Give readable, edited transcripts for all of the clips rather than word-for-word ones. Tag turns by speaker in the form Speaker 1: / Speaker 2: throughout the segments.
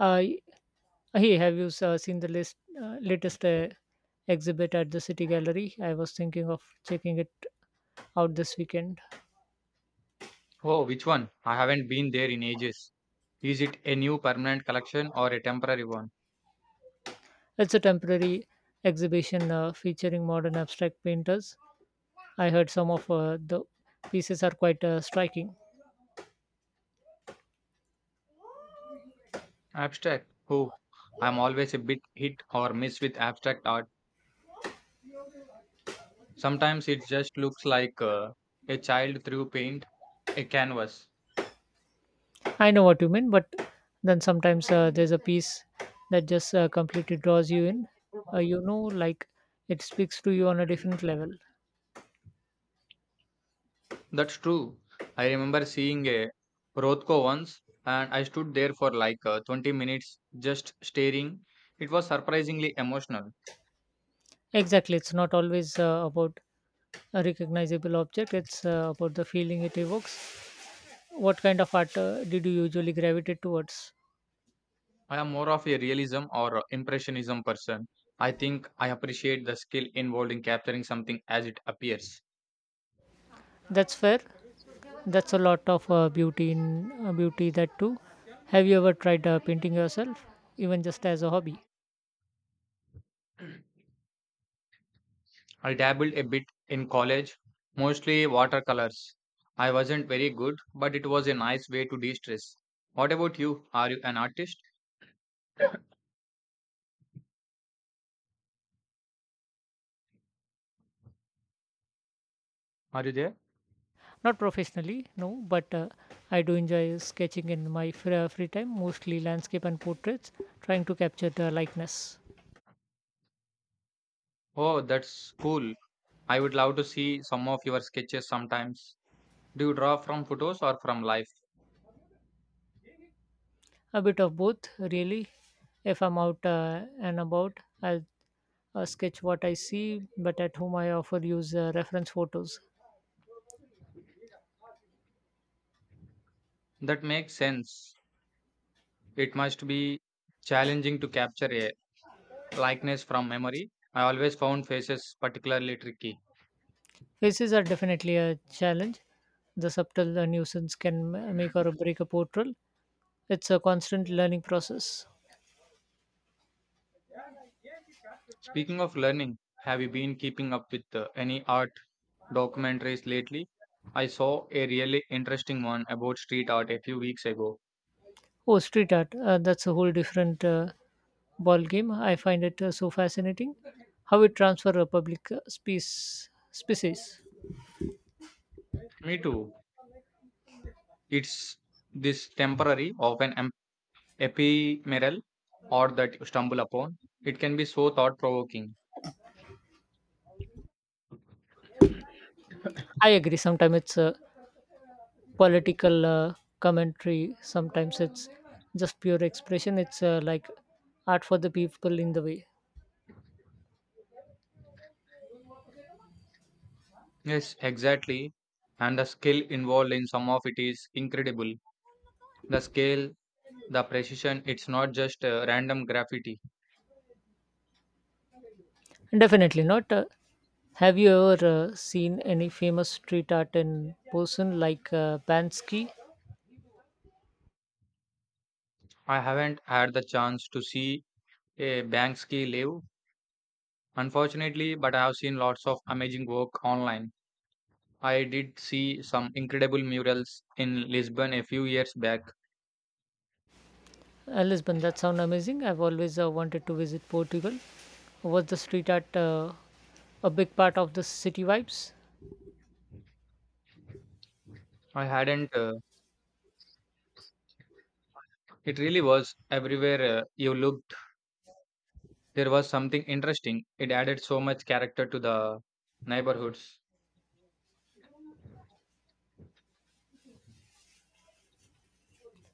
Speaker 1: Uh, y- Hey, have you seen the list, latest exhibit at the City Gallery? I was thinking of checking it out this weekend.
Speaker 2: Oh, which one? I haven't been there in ages. Is it a new permanent collection or a temporary one?
Speaker 1: It's a temporary exhibition featuring modern abstract painters. I heard some of the pieces are quite striking.
Speaker 2: Abstract. Oh, I'm always a bit hit or miss with abstract art. Sometimes it just looks like a child threw paint, a canvas.
Speaker 1: I know what you mean, but then sometimes there's a piece that just completely draws you in. Like it speaks to you on a different level.
Speaker 2: That's true. I remember seeing a Rothko once and I stood there for like 20 minutes just staring. It was surprisingly emotional.
Speaker 1: Exactly. It's not always about a recognizable object, it's about the feeling it evokes. What kind of art did you usually gravitate towards?
Speaker 2: I am more of a realism or impressionism person. I think I appreciate the skill involved in capturing something as it appears.
Speaker 1: That's fair. That's a lot of beauty that too. Have you ever tried painting yourself, even just as a hobby?
Speaker 2: I dabbled a bit in college, mostly watercolors. I wasn't very good, but it was a nice way to de stress. What about you? Are you an artist? Are you there?
Speaker 1: Not professionally, no, but I do enjoy sketching in my free time, mostly landscape and portraits, trying to capture the likeness.
Speaker 2: Oh, that's cool. I would love to see some of your sketches sometimes. Do you draw from photos or from life?
Speaker 1: A bit of both, really. If I'm out and about, I'll sketch what I see, but at whom I offer use reference photos.
Speaker 2: That makes sense. It must be challenging to capture a likeness from memory. I always found faces particularly tricky.
Speaker 1: Faces are definitely a challenge. The subtle nuisance can make or break a portrait. It's a constant learning process.
Speaker 2: Speaking of learning, have you been keeping up with any art documentaries lately? I saw a really interesting one about street art a few weeks ago.
Speaker 1: Oh, street art. That's a whole different ball game. I find it so fascinating how it transfer a public space species.
Speaker 2: Me too. It's this temporary, often ephemeral art that you stumble upon. It can be so thought provoking.
Speaker 1: I agree. Sometimes it's a political commentary. Sometimes it's just pure expression. It's like art for the people in the way.
Speaker 2: Yes, exactly. And the skill involved in some of it is incredible. The scale, the precision, it's not just random graffiti.
Speaker 1: Definitely not. Have you ever seen any famous street art in person like Bansky?
Speaker 2: I haven't had the chance to see a Banksy live, unfortunately, but I have seen lots of amazing work online. I did see some incredible murals in Lisbon a few years back.
Speaker 1: Lisbon, that sounds amazing. I've always wanted to visit Portugal. Was the street art a big part of the city vibes?
Speaker 2: I hadn't, it really was everywhere you looked. There was something interesting. It added so much character to the neighborhoods.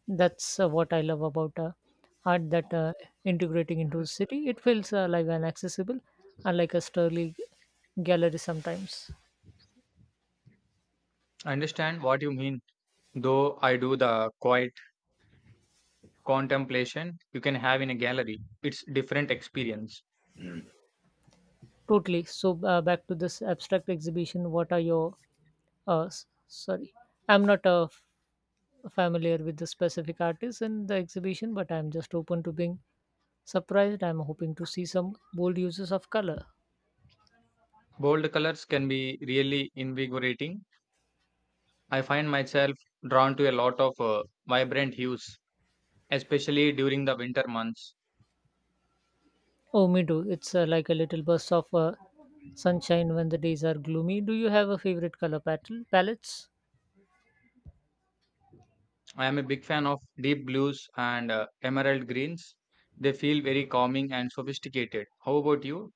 Speaker 1: That's what I love about art that integrating into a city. It feels alive and accessible, unlike a Sterling gallery sometimes.
Speaker 2: I understand what you mean, though I do the quiet contemplation you can have in a gallery. It's different experience.
Speaker 1: Totally. So back to this abstract exhibition. What are your sorry, I'm not familiar with the specific artists in the exhibition, but I'm just open to being surprised. I'm hoping to see some bold uses of color.
Speaker 2: Bold colors can be really invigorating. I find myself drawn to a lot of vibrant hues, especially during the winter months.
Speaker 1: Oh, me too. It's like a little burst of sunshine when the days are gloomy. Do you have a favorite palettes?
Speaker 2: I am a big fan of deep blues and emerald greens. They feel very calming and sophisticated. How about you?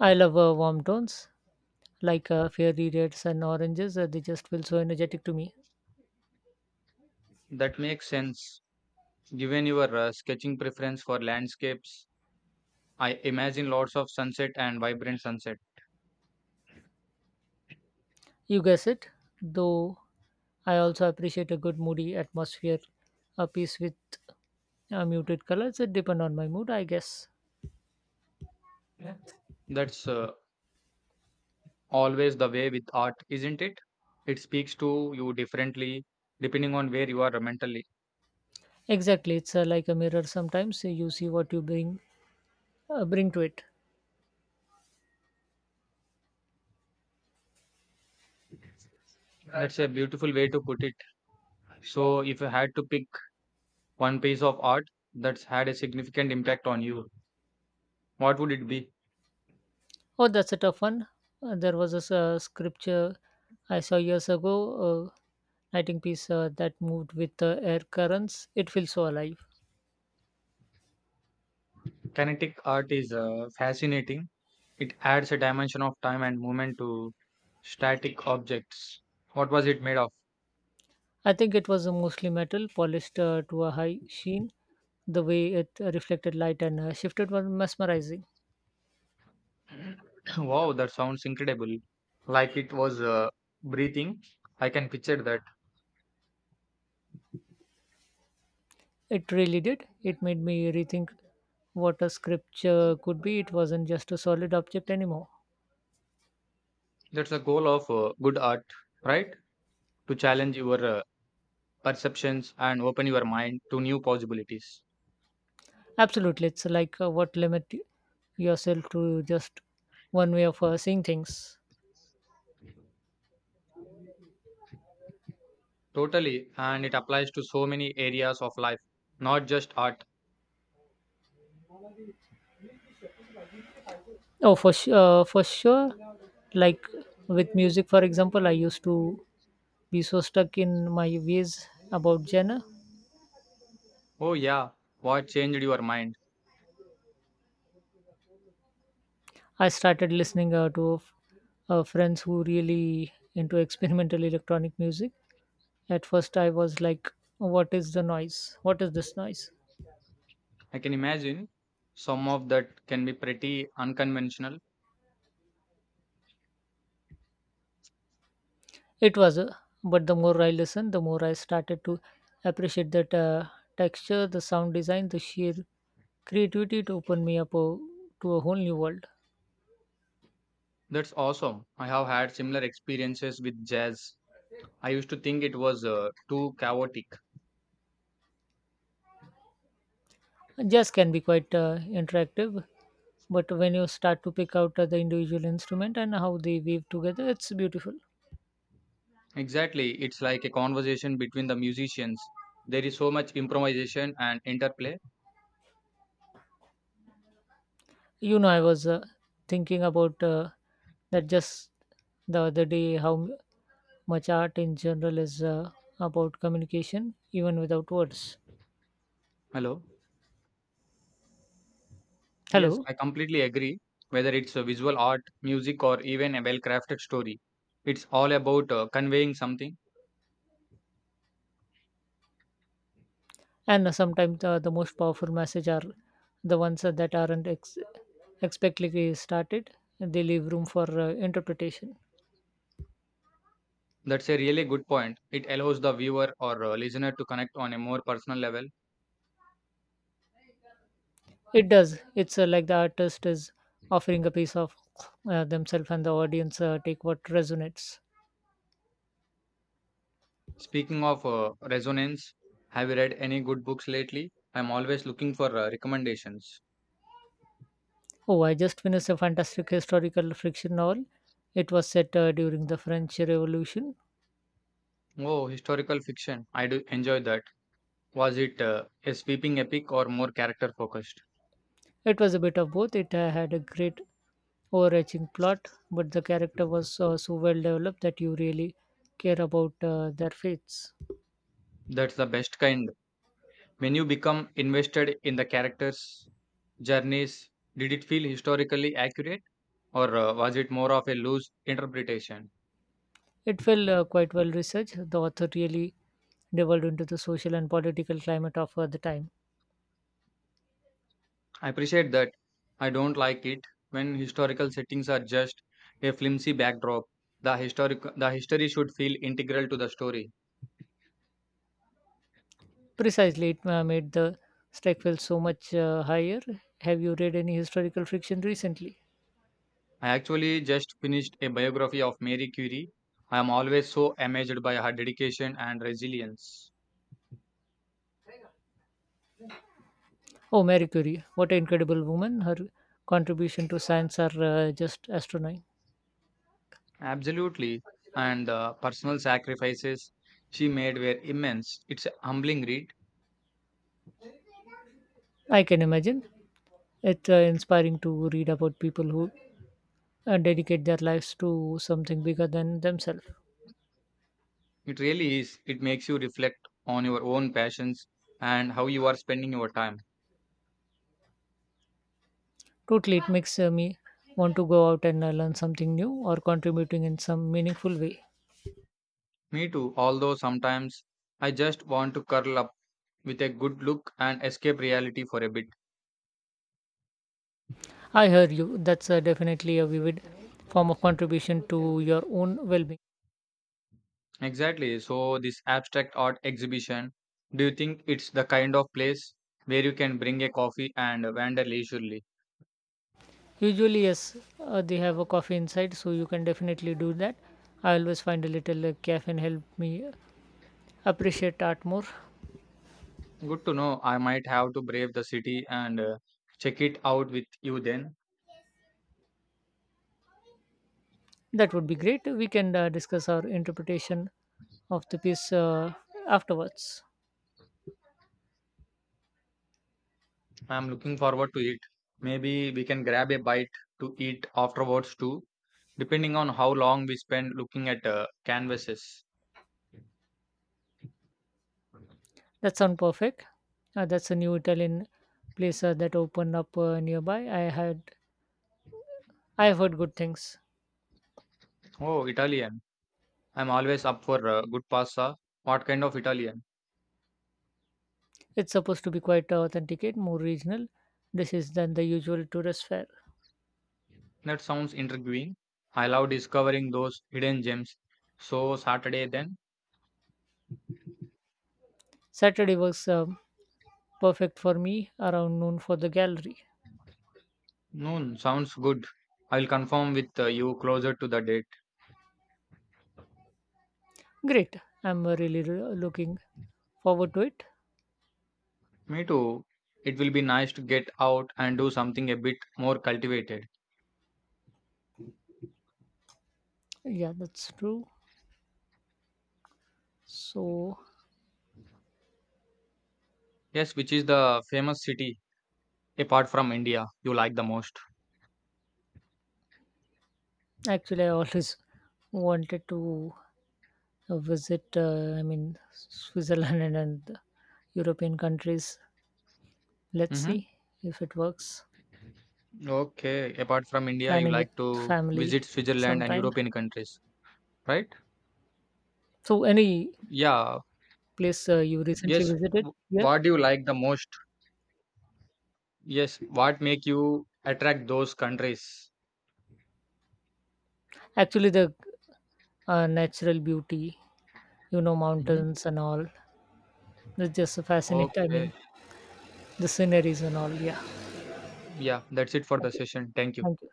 Speaker 1: I love warm tones like fairy reds and oranges. They just feel so energetic to me.
Speaker 2: That makes sense. Given your sketching preference for landscapes, I imagine lots of sunset and vibrant sunset.
Speaker 1: You guess it, though I also appreciate a good moody atmosphere, a piece with muted colors. It depends on my mood, I guess.
Speaker 2: Yeah. That's always the way with art, isn't it? It speaks to you differently depending on where you are mentally.
Speaker 1: Exactly, it's like a mirror. Sometimes you see what you bring to it.
Speaker 2: That's a beautiful way to put it. So, if you had to pick one piece of art that's had a significant impact on you, what would it be?
Speaker 1: Oh, that's a tough one. There was a scripture I saw years ago, a writing piece that moved with the air currents. It feels so alive.
Speaker 2: Kinetic art is fascinating. It adds a dimension of time and movement to static objects. What was it made of?
Speaker 1: I think it was mostly metal, polished to a high sheen. The way it reflected light and shifted was mesmerizing.
Speaker 2: Wow, that sounds incredible. Like it was breathing. I can picture that.
Speaker 1: It really did. It made me rethink what a scripture could be. It wasn't just a solid object anymore.
Speaker 2: That's the goal of good art, right? To challenge your perceptions and open your mind to new possibilities.
Speaker 1: Absolutely. It's like what limit yourself to just one way of seeing things.
Speaker 2: Totally, and it applies to so many areas of life, not just art.
Speaker 1: Oh, for sure. Like with music, for example, I used to be so stuck in my ways about genre.
Speaker 2: Oh, yeah, what changed your mind?
Speaker 1: I started listening friends who really into experimental electronic music. At first, I was like, "What is the noise? What is this noise?"
Speaker 2: I can imagine some of that can be pretty unconventional.
Speaker 1: It was, but the more I listened, the more I started to appreciate that texture, the sound design, the sheer creativity to open me up to a whole new world.
Speaker 2: That's awesome. I have had similar experiences with jazz. I used to think it was too chaotic.
Speaker 1: Jazz can be quite interactive, but when you start to pick out the individual instrument and how they weave together, it's beautiful.
Speaker 2: Exactly, it's like a conversation between the musicians. There is so much improvisation and interplay.
Speaker 1: You know, I was thinking about that just the other day how much art in general is about communication, even without words.
Speaker 2: Hello. Yes,
Speaker 1: Hello.
Speaker 2: I completely agree. Whether it's a visual art, music, or even a well crafted story, it's all about conveying something.
Speaker 1: And sometimes the most powerful message are the ones that aren't expectedly started, they leave room for interpretation.
Speaker 2: That's a really good point. It allows the viewer or listener to connect on a more personal level.
Speaker 1: It does. It's like the artist is offering a piece of themselves and the audience take what resonates.
Speaker 2: Speaking of resonance, have you read any good books lately? I'm always looking for recommendations.
Speaker 1: Oh, I just finished a fantastic historical fiction novel. It was set during the French Revolution.
Speaker 2: Oh, historical fiction. I do enjoy that. Was it a sweeping epic or more character focused?
Speaker 1: It was a bit of both. It had a great overarching plot, but the character was so well developed that you really care about their fates.
Speaker 2: That's the best kind. When you become invested in the characters' journeys, did it feel historically accurate or was it more of a loose interpretation?
Speaker 1: It felt quite well researched. The author really delved into the social and political climate of the time.
Speaker 2: I appreciate that. I don't like it when historical settings are just a flimsy backdrop. The history should feel integral to the story.
Speaker 1: Precisely, it made the strike feel so much higher. Have you read any historical fiction recently?
Speaker 2: I actually just finished a biography of Mary Curie. I am always so amazed by her dedication and resilience.
Speaker 1: Oh, Marie Curie, what an incredible woman. Her contribution to science are just astronomical.
Speaker 2: Absolutely. And the personal sacrifices she made were immense. It's a humbling read.
Speaker 1: I can imagine. It's inspiring to read about people who dedicate their lives to something bigger than themselves.
Speaker 2: It really is. It makes you reflect on your own passions and how you are spending your time.
Speaker 1: Totally, it makes me want to go out and learn something new or contributing in some meaningful way.
Speaker 2: Me too, although sometimes I just want to curl up with a good look and escape reality for a bit.
Speaker 1: I hear you. That's definitely a vivid form of contribution to your own well being.
Speaker 2: Exactly. So, this abstract art exhibition, do you think it's the kind of place where you can bring a coffee and wander leisurely?
Speaker 1: Usually, yes, they have a coffee inside, so you can definitely do that. I always find a little caffeine help me appreciate art more.
Speaker 2: Good to know. I might have to brave the city and check it out with you then.
Speaker 1: That would be great. We can discuss our interpretation of the piece afterwards.
Speaker 2: I'm looking forward to it. Maybe we can grab a bite to eat afterwards too, depending on how long we spend looking at canvases.
Speaker 1: That sounds perfect. That's a new Italian place that opened up nearby. I have heard good things.
Speaker 2: Oh, Italian. I'm always up for good pasta. What kind of Italian?
Speaker 1: It's supposed to be quite authenticate more regional dishes than the usual tourist fare.
Speaker 2: That sounds intriguing. I love discovering those hidden gems. So, Saturday then?
Speaker 1: Saturday works, perfect for me around noon for the gallery.
Speaker 2: Noon sounds good. I'll confirm with you closer to the date.
Speaker 1: Great. I'm looking forward to it.
Speaker 2: Me too. It will be nice to get out and do something a bit more cultivated.
Speaker 1: Yeah, that's true. So
Speaker 2: Yes, which is the famous city apart from India you like the most?
Speaker 1: actually, I always wanted to Switzerland and European countries. Let's
Speaker 2: Mm-hmm.
Speaker 1: see if it works.
Speaker 2: Okay, apart from India, you
Speaker 1: Planning with
Speaker 2: like to
Speaker 1: family
Speaker 2: visit Switzerland and
Speaker 1: sometime.
Speaker 2: European countries, right?
Speaker 1: So, any
Speaker 2: Yeah.
Speaker 1: place you recently
Speaker 2: Yes.
Speaker 1: visited here?
Speaker 2: What do you like the most? Yes. What make you attract those countries?
Speaker 1: Actually, the natural beauty, you know,
Speaker 2: Mm-hmm.
Speaker 1: mountains and all. It's just fascinating. I mean,
Speaker 2: Okay.
Speaker 1: the sceneries and all. Yeah.
Speaker 2: Yeah. That's it for the
Speaker 1: Okay.
Speaker 2: session. Thank you.
Speaker 1: Thank you.